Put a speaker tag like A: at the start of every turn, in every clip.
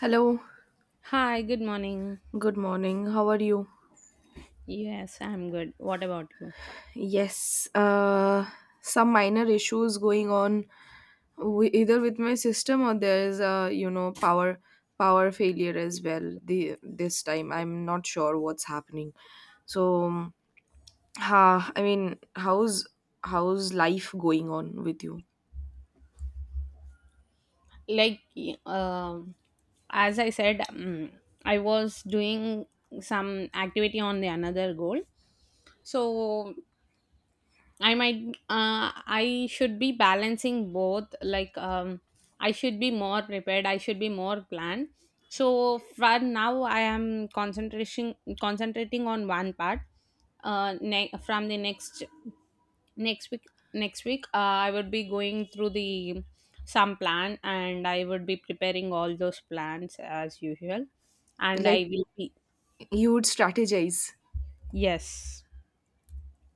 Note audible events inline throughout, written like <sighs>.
A: Hello,
B: Hi, good morning.
A: good morning. How are you?
B: Yes, I'm good. What about you?
A: Yes, some minor issues going on, either with my system or there is a power failure as well. The this time I'm not sure what's happening. So, I mean, how's life going on with you?
B: Like, um, as I said, I was doing some activity on the another goal. So I should be balancing both. Like, I should be more prepared. I should be more planned. So for now, I am concentration concentrating on one part. From the next week I would be going through the some plan, and I would be preparing all those plans as usual, and
A: Like,
B: I will be.
A: you would strategize.
B: Yes.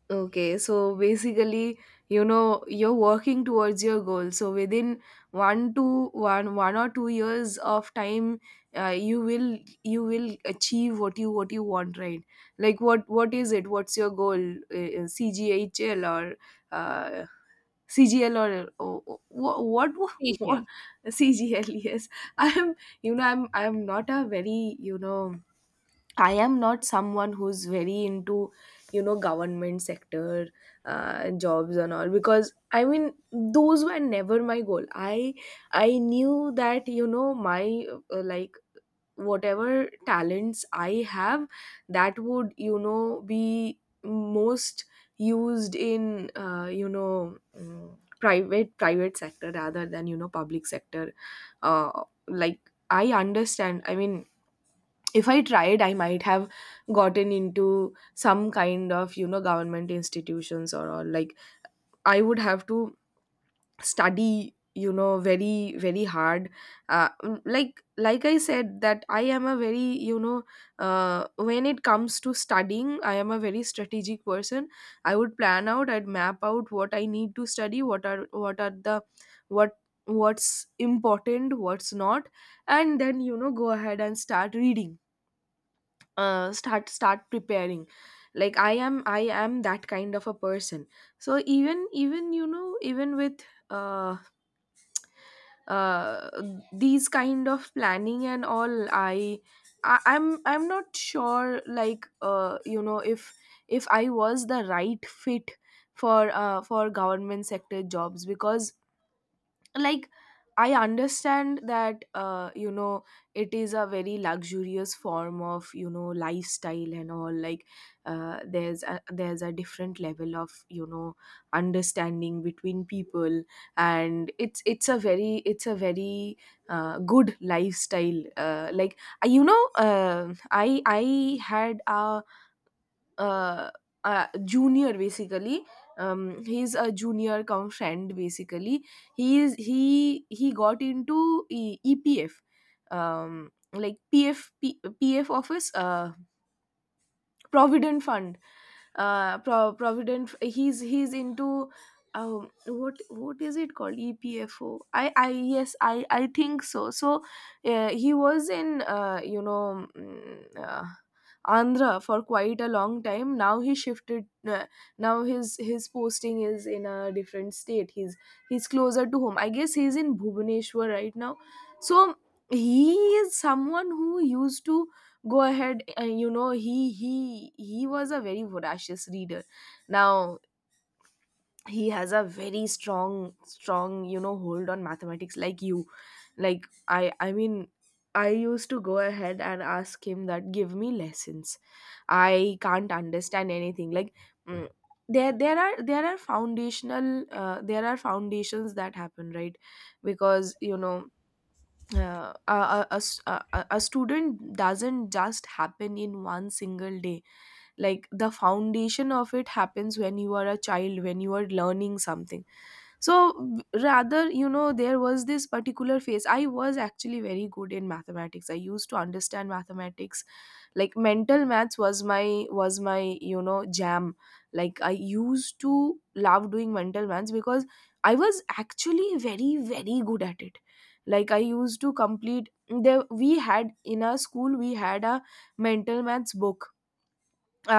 A: Okay, so basically, you're working towards your goal. So within 1 or 2 years of time, uh, you will you will achieve what you want, right? Like, what is it? What's your goal? CGHL or uh, CGL or, oh, what
B: Seashell.
A: <laughs> CGL? Yes, I'm. I'm not a very you know I am not someone who's very into, government sector, jobs and all, because I mean, those were never my goal. I knew that, my, like, whatever talents I have, that would, be most used in, private, sector rather than, public sector. Uh, like, I understand. I mean, if I tried, I might have gotten into some kind of, government institutions, or like, I would have to study, very, very hard. Like, I said, that I am a very, when it comes to studying, I am a very strategic person. I would plan out, I'd map out what I need to study, what are the, what what's important, what's not, and then, go ahead and start reading, start preparing. Like, I am that kind of a person. So, even even even with, uh, uh, these kind of planning and all, I'm not sure, like, if, if I was the right fit for, for government sector jobs, because, like, I understand that, it is a very luxurious form of, lifestyle and all. Like, there's a different level of, understanding between people, and it's a very, good lifestyle. I had a, uh, junior, basically. He's a junior cum friend, basically. He is he he got into, EPF. PF, PF office, provident fund, provident. He's into, what is it called, EPFO? I, yes, I think so. He was in, Andhra for quite a long time. Now he shifted, uh, now his posting is in a different state. He's closer to home, I guess. He's in Bhubaneswar right now. So, he is someone who used to go ahead and, he was a very voracious reader. Now he has a very strong, strong, hold on mathematics. Like, you, like, I mean, I used to go ahead and ask him, that give me lessons, I can't understand anything. Like, mm, there, there are foundational, there are foundations that happen, right? Because, a s- a student doesn't just happen in one single day. Like, the foundation of it happens when you are a child, when you are learning something. So rather, there was this particular phase, I was actually very good in mathematics, I used to understand mathematics. Like, mental maths was my, jam. Like, I used to love doing mental maths, because I was actually very, very good at it. Like, I used to complete, there, we had in our school, we had a mental maths book,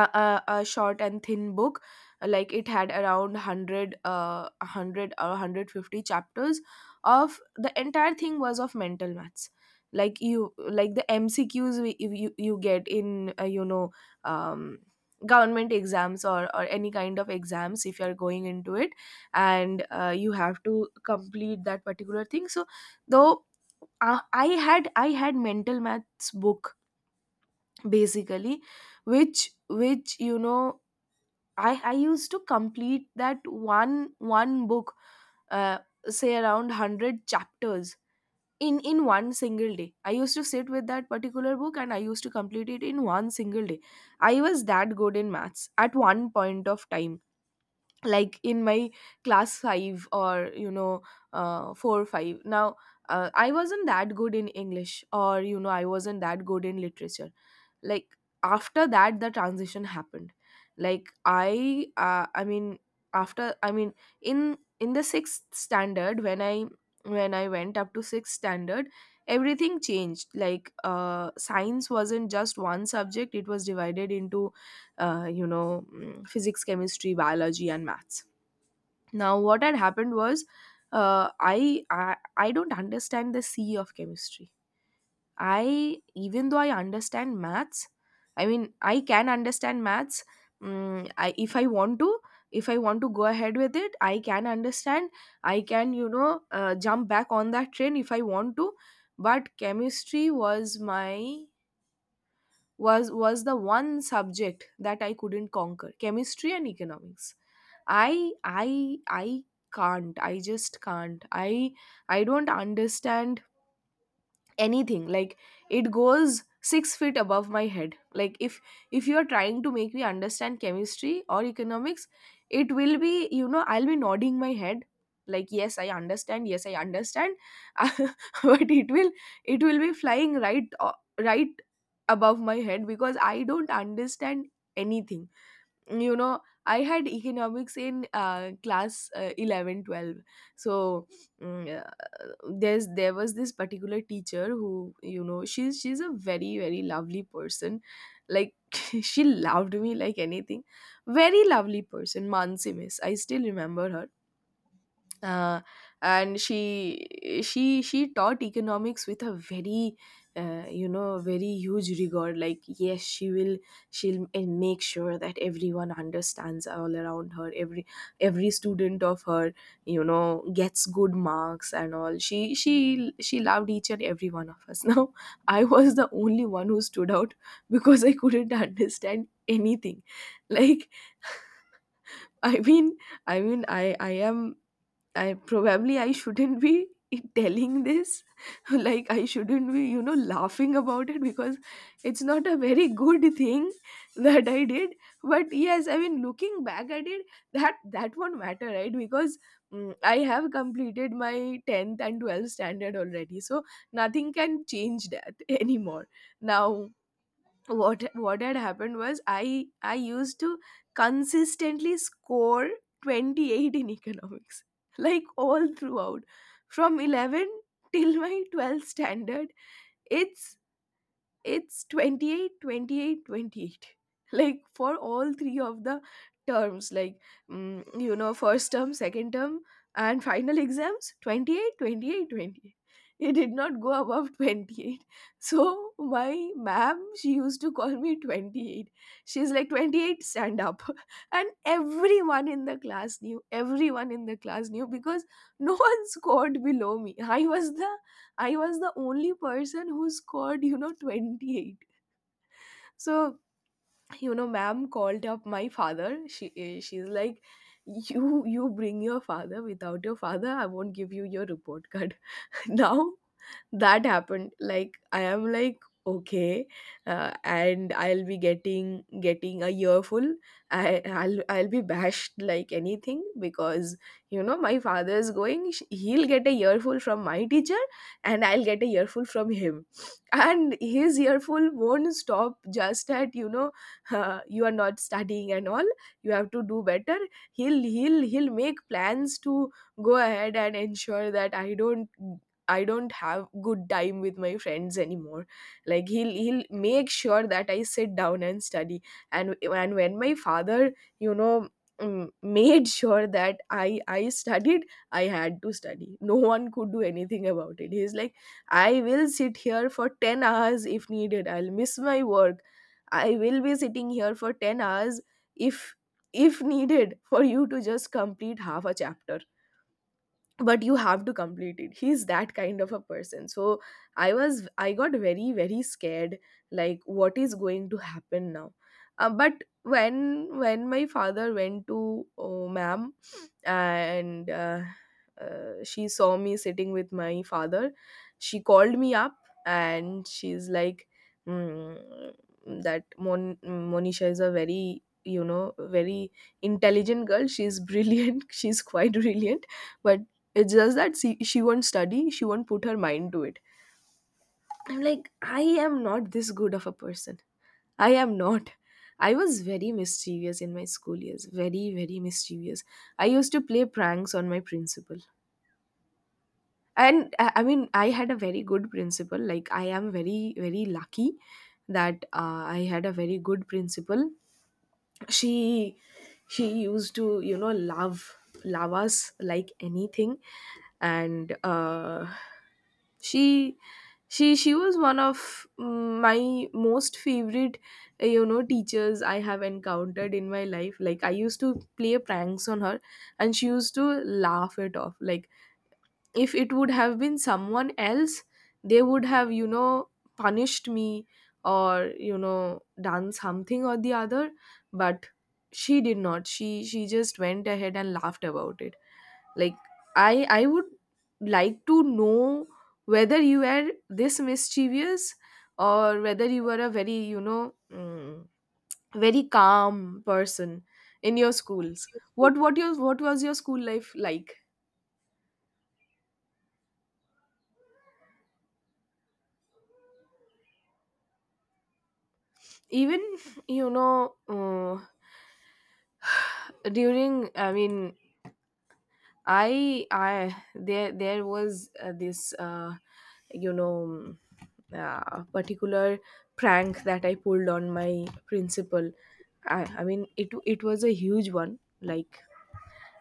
A: a short and thin book. Like, it had around 100, 100 or 150 chapters, of the entire thing was of mental maths. Like, you, like, the MCQs, if, you get in, um, government exams, or any kind of exams, if you're going into it, and, you have to complete that particular thing. So, though, I had mental maths book, basically, which, I used to complete that one book, uh, say, around 100 chapters. In one single day, I used to sit with that particular book and I used to complete it in one single day. I was that good in maths, at one point of time. Like, in my class 5, or, 4, 5, now. I wasn't that good in English, or, I wasn't that good in literature. Like, after that, the transition happened. Like, I mean, after, I mean, in the sixth standard, when I went up to sixth standard, everything changed. Like, science wasn't just one subject, it was divided into, physics, chemistry, biology and maths. Now, what had happened was, I don't understand the C of chemistry. I Even though I understand maths, I mean, I can understand maths. I if I want to go ahead with it, I can understand. I can, jump back on that train if I want to. But chemistry was my, was the one subject that I couldn't conquer. Chemistry and economics. I can't. I just can't. I don't understand anything. Like, it goes 6 feet above my head. Like, if you are trying to make me understand chemistry or economics, it will be, I'll be nodding my head, like, yes I understand, yes I understand. <laughs> But it will be flying right, right above my head, because I don't understand anything. you know I had economics in, class, 11, 12. So, mm, there was this particular teacher, who, she's a very, very lovely person. Like, <laughs> she loved me like anything. Very lovely person, Mansi Miss, I still remember her. uh, and she taught economics with a very, very huge regard. Like, yes, she'll, and make sure that everyone understands, all around her, every student of her, gets good marks and all. She loved each and every one of us. <laughs> Now, I was the only one who stood out, because I couldn't <laughs> understand anything. Like, <laughs> I mean, i mean i i am I shouldn't be <laughs> telling this, <laughs> like, I shouldn't be, laughing about it, because it's not a very good thing <laughs> that I did. But yes, I mean, looking back at it, that won't matter, right? Because, I have completed my 10th and 12th standard already, so nothing can change that <laughs> anymore. Now, what had happened was, I used to consistently score 28 in economics, <laughs> like, all throughout, from 11 till my 12th standard. It's it's 28, 28, 28. <laughs> Like, for all three of the terms, like, first term, second term, and final exams, 28, 28, 28. It did not go above 28. <laughs> So my ma'am, she used to call me 28. She's like, 28, stand up. <laughs> And everyone in the class knew, everyone in the class knew, because no <laughs> one scored below me, I was the only person who scored, 28. So, ma'am called up my father. She's like, you bring your father. Without your father, I won't give you your report card. <laughs> Now, that happened. Like, I am like, okay, and I'll be getting, a year full. I'll be bashed like anything, because, my father is going, he'll get a year full from my teacher, and I'll get a year full from him. <laughs> And his year full won't stop just at, you are not studying and all, you have to do better. He'll make plans to go ahead and ensure that I don't, I don't have good time with my friends anymore. Like, he'll, make sure that I sit down and study. And when my father, you know, made sure that I studied, I had to study. No one could do anything about it. He's like, I will sit here for 10 hours if needed. I'll miss my work. I will be sitting here for 10 hours if if needed for you to just complete half a chapter, but you have to complete it. He's that kind of a person. So I got very scared, like, what is going to happen now. But when my father went to, oh, ma'am, and she saw me sitting with my father, she called me up, and she's like, mm, that Monisha is a very you know very intelligent girl. She's brilliant, <laughs> she's quite brilliant. But it's just that she won't study, she won't put her mind to it. I'm like, I am not this good of a person. I am not. I was very mischievous in my school years, very, very mischievous. I used to play pranks on my principal. And I mean, I had a very good principal. Like, I am very, very lucky that I had a very good principal. She she used to, you know, love us like anything. And uh she she she was one of my most favorite, you know, teachers I have encountered in my life. Like, I used to play pranks on her, and she used to laugh it off. Like, if it would have been someone else, they would have, you know, punished me or, you know, done something or the other. But she did not. She just went ahead and laughed about it. Like, I would like to know whether you were this mischievous, or whether you were a very, you know, very calm person in your schools. What what your what was your school life like? Even, you know uh, <sighs> during I mean I there was, this, you know mm, particular prank that I pulled on my principal. I mean, it was a huge one. Like,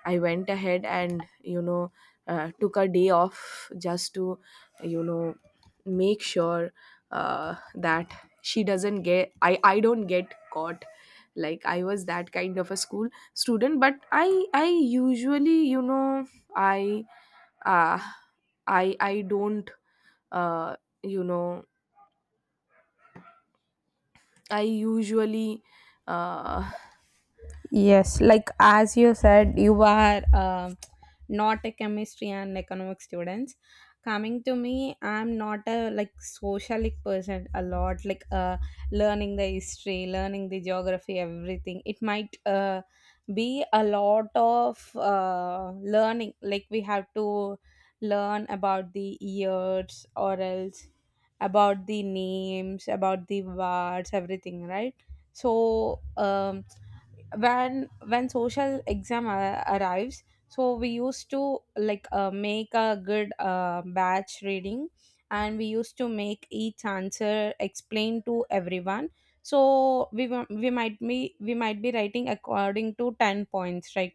A: I went ahead and, you know, took a day off just to, you know, make sure, that she doesn't get I don't get caught. Like, I was that kind of a school student. But I usually, you know, I uh, I don't, uh, you know I usually uh,
B: Yes, like as you said, you are not a chemistry and economics students. Coming to me, I'm not a like socialic person a lot, like learning the history, learning the geography, everything. It might be a lot of learning, like we have to learn about the years or else about the names, about the words, everything, right? So, when social exam arrives, so we used to like make a good batch reading, and we used to make each answer explain to everyone. So we might be writing according to 10 points, right?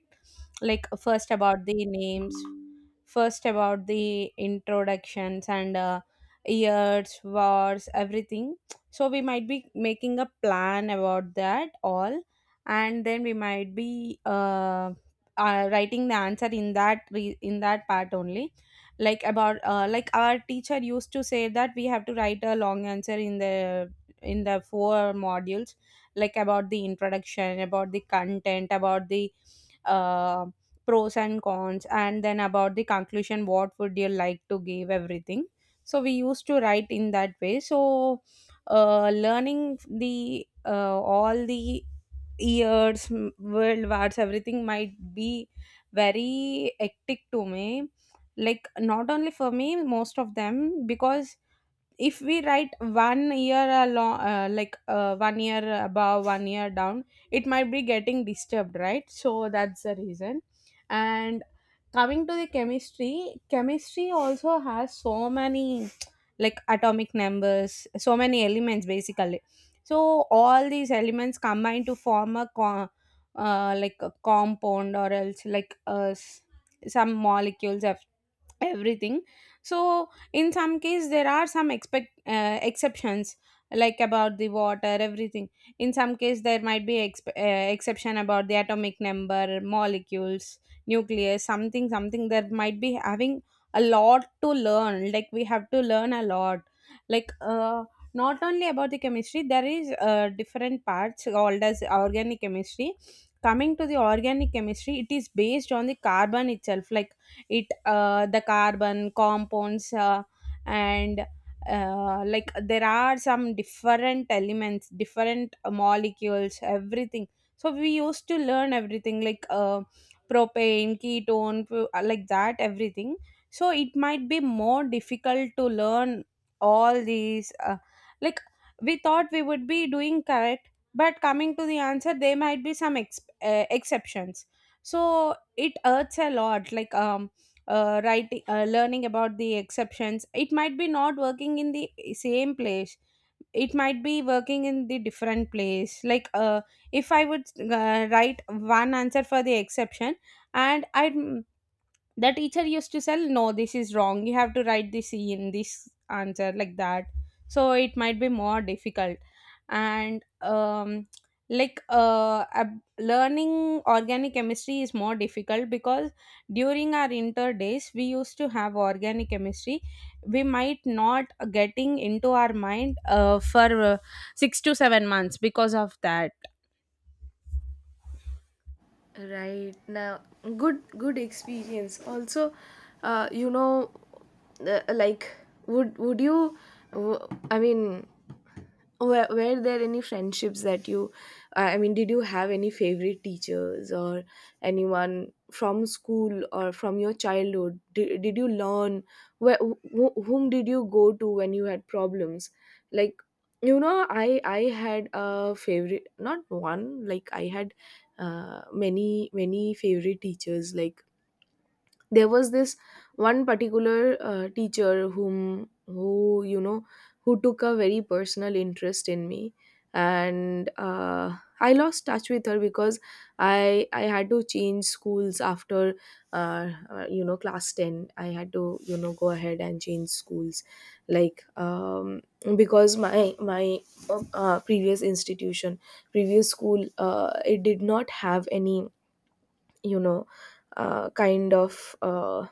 B: Like first about the names, first about the introductions, and years, wars, everything. So we might be making a plan about that all, and then we might be writing the answer in in that part only. Like about like our teacher used to say that we have to write a long answer in the four modules, like about the introduction, about the content, about the uh, pros and cons, and then about the conclusion, what would you like to give, everything. So we used to write in that way, so learning the all the years, world wars, everything might be very hectic to me. Like, not only for me, most of them, because if we write one year along, one year above, one year down, it might be getting disturbed, right? So that's the reason. And coming to the chemistry also has so many, like atomic numbers, so many elements basically. So all these elements combine to form like a compound or else like some molecules, everything. So in some case, there are some expect exceptions, like about the water, everything. In some case, there might be exception about the atomic number, molecules, nucleus, something something that might be having a lot to learn. Like, we have to learn a lot, like not only about the chemistry, there is different parts called as organic chemistry. Coming to the organic chemistry, it is based on the carbon itself. Like, it the carbon compounds, and like, there are some different elements, different molecules, everything. So we used to learn everything, like propane, ketone, like that, everything. So it might be more difficult to learn all these, like we thought we would be doing correct, but coming to the answer, there might be some exceptions. So it hurts a lot, like writing, learning about the exceptions, it might be not working in the same place, it might be working in the different place. Like if I would write one answer for the exception, and I'd the teacher used to tell, no, this is wrong, you have to write this E in this answer, like that. So it might be more difficult. And like, learning organic chemistry is more difficult, because during our inter days, we used to have organic chemistry. We might not getting into our mind for 6 to 7 months, because of that.
A: right now, good experience. Also, uh, you know, like, would you? I mean, were there any friendships that you, did you have any favorite teachers or anyone from school or from your childhood? Did you learn where, whom did you go to when you had problems? Like, you know, I had a favorite, not one. Like, I had many many favorite teachers. Like, there was this one particular, teacher whom who, you know, who took a very personal interest in me. And I lost touch with her because I had to change schools after class 10. I had to, you know, go ahead and change schools. Like, because my previous institution, previous school, it did not have any, you know, uh, kind of uh,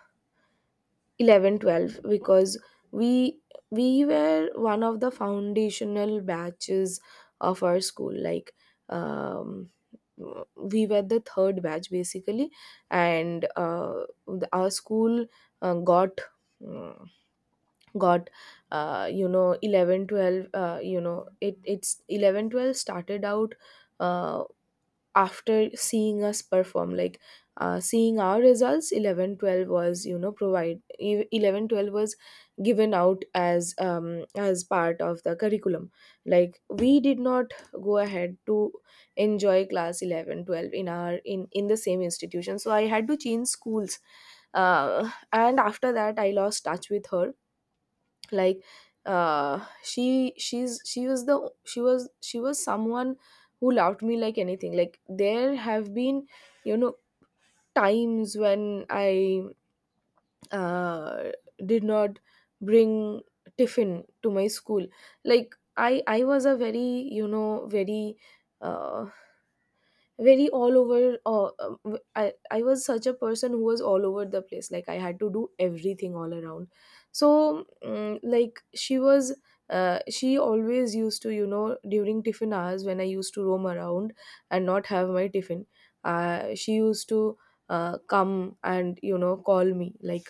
A: 11, 12. Because we we were one of the foundational batches of our school. Like, um we were the third batch basically. And our school got, mm, got, you know, 11, 12. You know, it it's 11, 12 started out, uh, after seeing us perform. Like, seeing our results, 11, 12 was, you know, 11 12 was given out as, as part of the curriculum. Like, we did not go ahead to enjoy class 11, 12 in our in the same institution. So I had to change schools. And after that, I lost touch with her. Like, she was the, she was, she was someone who loved me like anything. Like, there have been, you know, times when I uh did not bring tiffin to my school. Like, I was a very, you know, uh very all over, I was such a person who was all over the place. Like, I had to do everything all around. So, like, she was, she always used to, you know, during tiffin hours, when I used to roam around and not have my tiffin, she used to, come and, you know, call me. Like,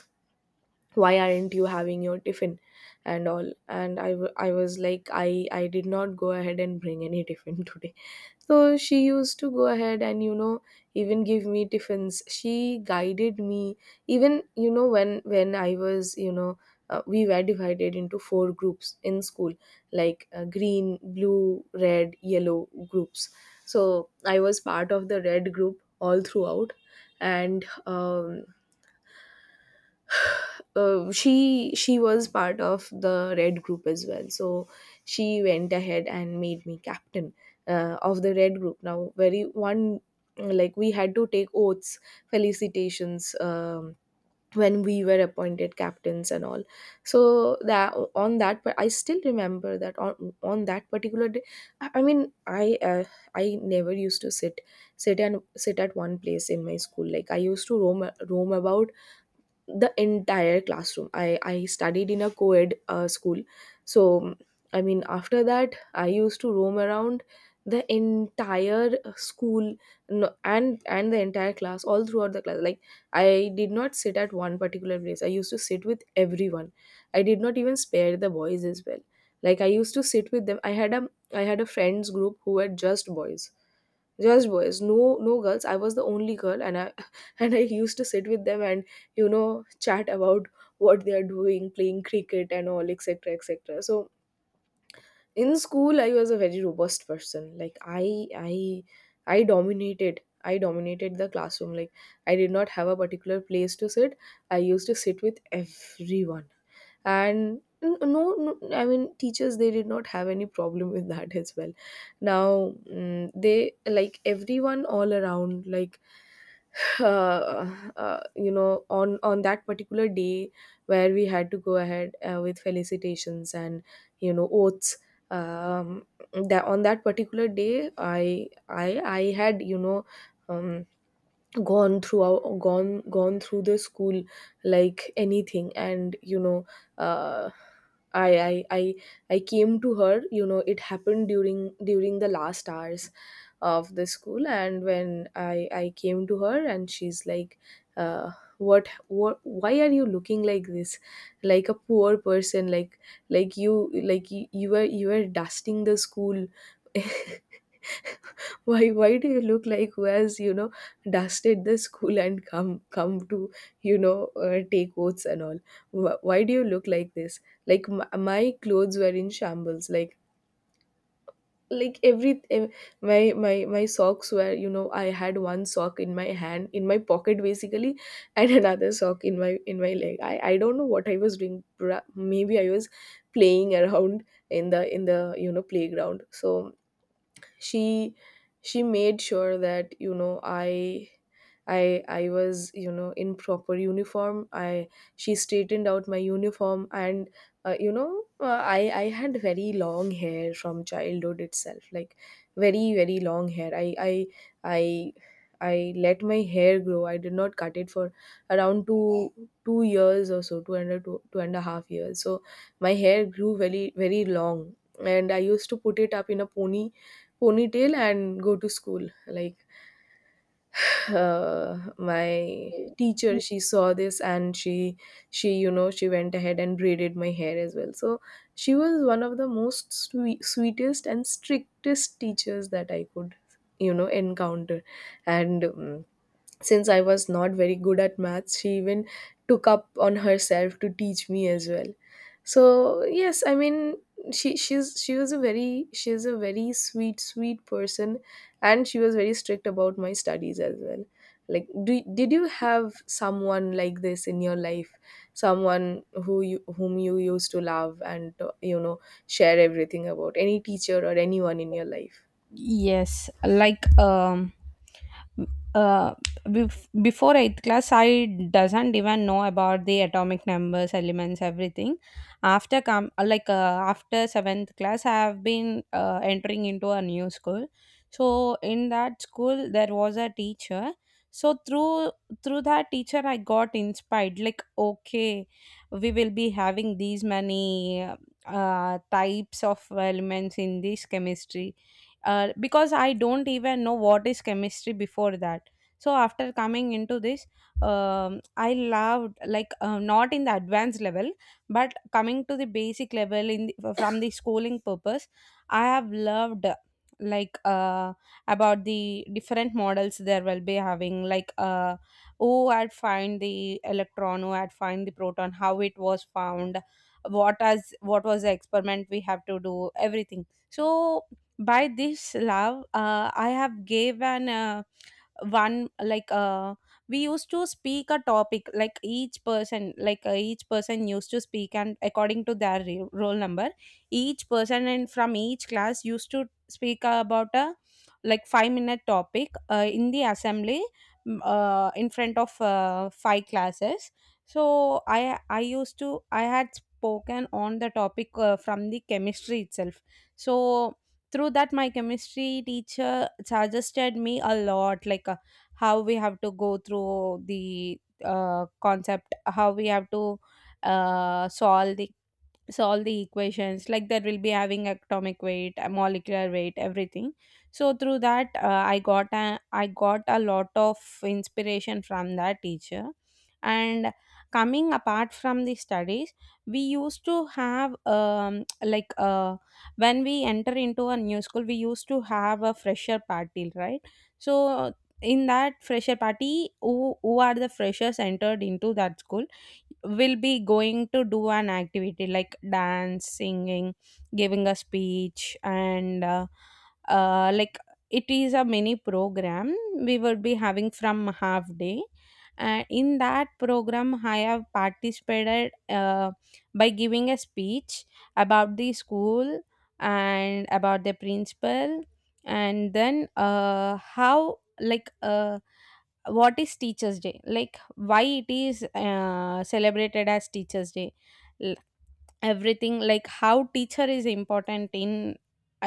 A: why aren't you having your tiffin and all? And I, I was like, I did not go ahead and bring any tiffin <laughs> today. So she used to go ahead and, you know, even give me tiffins. She guided me. Even, you know, when I was, you know, we were divided into 4 groups in school, like, green, blue, red, yellow groups. So I was part of the red group all throughout. And she was part of the red group as well. So she went ahead and made me captain of the red group, now very one. Like, we had to take oaths, felicitations, when we were appointed captains and all. So that on that but I still remember that on that particular day, i I mean i uh, I never used to sit at one place in my school. Like, I used to roam about the entire classroom. I studied in a co-ed school. So, I mean, after that, I used to roam around the entire school. And the entire class, all throughout the class. Like, I did not sit at one particular place. I used to sit with everyone. I did not even spare the boys as well. Like, I used to sit with them. I had a friends group who were just boys. Just boys, no, no girls. I was the only girl, and I <laughs> and I used to sit with them and, you know, chat about what they are doing, playing cricket and all, etc., etc. So in school I was a very robust person. Like, I dominated the classroom. Like, I did not have a particular place to sit. I used to sit with everyone. And, no, no, I mean, teachers, they did not have any problem <laughs> with that as well. Now, they like everyone all around. Like <laughs> uh, you know, on that particular day, where we had to go ahead, with felicitations and, you know, oaths, um that on that particular day, I had, you know, um, gone throughout, gone through the school like anything. And, you know, uh, I, I i I came to her. You know, it happened during the last hours of the school. And when I came to her, and she's like, uh, what, why are you looking like this, like a poor person? Like you, you were, you were dusting the school. <laughs> Why do you look like, who has, you know, dusted the school and come to, you know, take oaths and all? Why do you look like this? Like, my clothes were in shambles. Like, like every em- my socks were, you know, I had one sock in my hand, in my pocket basically, and <laughs> another sock in my leg. I don't know what I was doing. Maybe I was playing around in the you know, playground. So she she made sure that, you know, I was, you know, in proper uniform. I She straightened out my uniform. And I had very long hair from childhood itself. Like, very, very long hair. I i i i let my hair grow. I did not cut it for around two years or so, two, 2.5 years. So my hair grew very, very long. And I used to put it up in a pony, ponytail and go to school. Like, my teacher, she saw this, and she, you know, she went ahead and braided my hair as well. So she was one of the most sweet, sweetest and strictest teachers that I could, you know, encounter. And since I was not very good at maths, she even took up on herself to teach me as well. So yes, I mean, she was a very she's a very sweet, sweet person. And she was very strict about my studies as well. Like, do did you have someone like this in your life? Someone who you whom you used to love and, you know, share everything about? Any teacher or anyone in your life?
B: Yes, like uh, before 8th class, I doesn't even know about the atomic numbers, elements, everything. After come like after 7th class, I have been entering into a new school. So in that school, there was a teacher. So through that teacher, I got inspired. Like, okay, we will be having these many types of elements in this chemistry, because I don't even know what is chemistry before that. So after coming into this, I loved, like not in the advanced level, but coming to the basic level in from the schooling purpose, I have loved, like about the different models there will be having, like who had find the electron, who had find the proton, how it was found, what as what was the experiment we have to do, everything. So by this love, I have gave an one like we used to speak a topic, like each person, like each person used to speak, and according to their roll number, each person and from each class used to speak about a like 5-minute topic in the assembly, in front of five classes. So I used to I had spoken on the topic from the chemistry itself. So through that, my chemistry teacher suggested me a lot, like how we have to go through the concept, how we have to uh, solve the solve the equations, like there will be having atomic weight, molecular weight, everything. So through that, I got a lot of inspiration from that teacher. And coming apart from the studies, we used to have, like when we enter into a new school, we used to have a fresher party, right? So in that fresher party, who are the freshers entered into that school will be going to do an activity like dance, singing, giving a speech, and like, it is a mini program we would be having from half day. And in that program, I have participated by giving a speech about the school and about the principal, and then how, like what is teachers day, like why it is celebrated as teachers day, L- everything, like how teacher is important in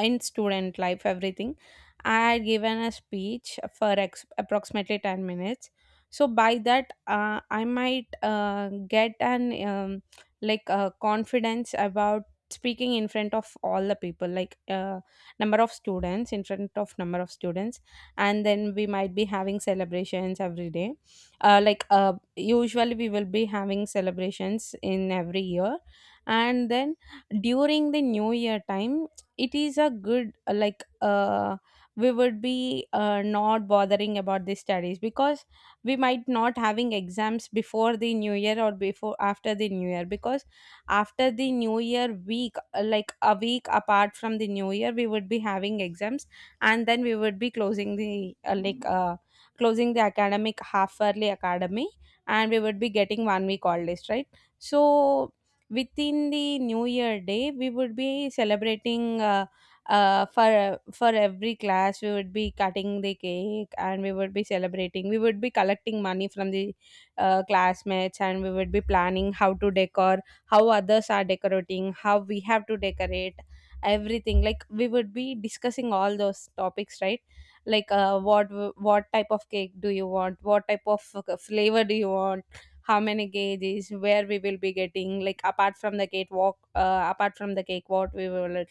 B: in student life, everything. I had given a speech for approximately 10 minutes. So by that, I might get an, um, like confidence about speaking in front of all the people, like number of students in front of number of students. And then we might be having celebrations every day, like usually we will be having celebrations in every year. And then during the new year time, it is a good, like we would be not bothering about the studies, because we might not having exams before the new year or before after the new year. Because after the new year week, like a week apart from the new year, we would be having exams, and then we would be closing the like closing the academic half yearly academy, and we would be getting one week all list, right? So within the new year day, we would be celebrating, for every class we would be cutting the cake, and we would be celebrating, we would be collecting money from the, classmates, and we would be planning how others are decorating, how we have to decorate, everything. Like, we would be discussing all those topics, right? Like what type of cake do you want, what type of flavor do you want, how many gauges, where we will be getting, like apart from the cake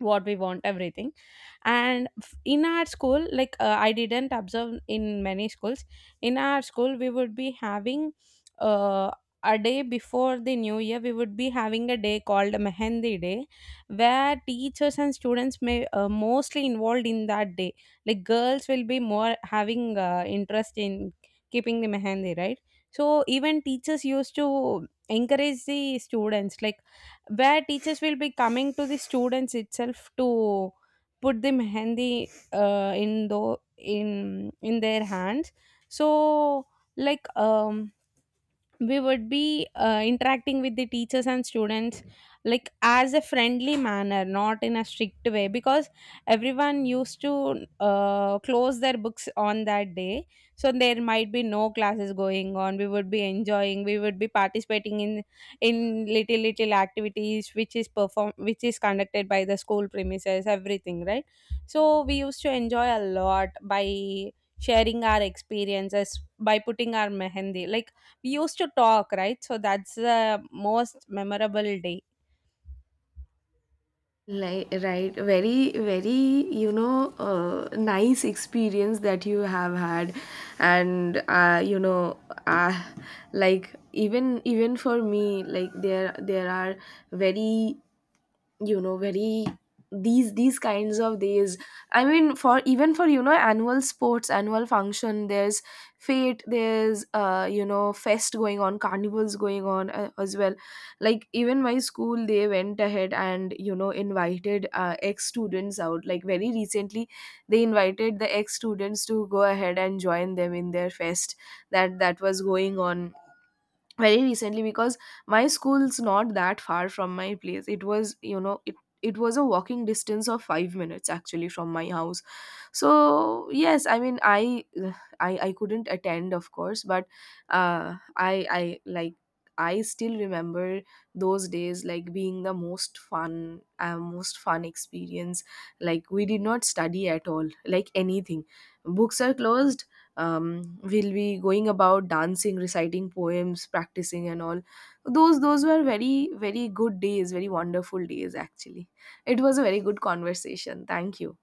B: what we want, everything. And in our school, like, I didn't observe in many schools. In our school, we would be having, uh, a day before the new year, we would be having a day called mehendi day, where teachers and students may, mostly involved in that day. Like girls will be more having interest in keeping the mehendi, right? So even teachers used to encourage the students, like where teachers will be coming to the students itself to put the mehendi, in though in their hands. So, like, we would be interacting with the teachers and students, like as a friendly manner, not in a strict way, because everyone used to close their books on that day. So there might be no classes going on, we would be enjoying, we would be participating in little little activities, which is conducted by the school premises, everything, right? So we used to enjoy a lot by sharing our experiences, by putting our mehendi, like we used to talk, right? So that's the most memorable day.
A: Li Right, very, very, you know, nice experience that you have had. And, uh, like, even for me, like, there are very, you know, very, these kinds of days. I mean, for, even, for you know, annual sports, annual function, there's fete, there's, you know, fest going on, carnivals going on, as well. Like, even my school, they went ahead and, you know, invited ex students out. Like, very recently, they invited the ex students to go ahead and join them in their fest that was going on very recently. Because my school's not that far from my place. It was, you know, it was a walking distance of 5 minutes actually from my house. So yes, I mean, I couldn't attend, of course. But, I like, I still remember those days like being the most fun experience. Like, we did not study at all, like anything. Books are closed. We'll be going about dancing, reciting poems, practicing and all. Those were very, very good days, very wonderful days actually. It was a very good conversation. Thank you.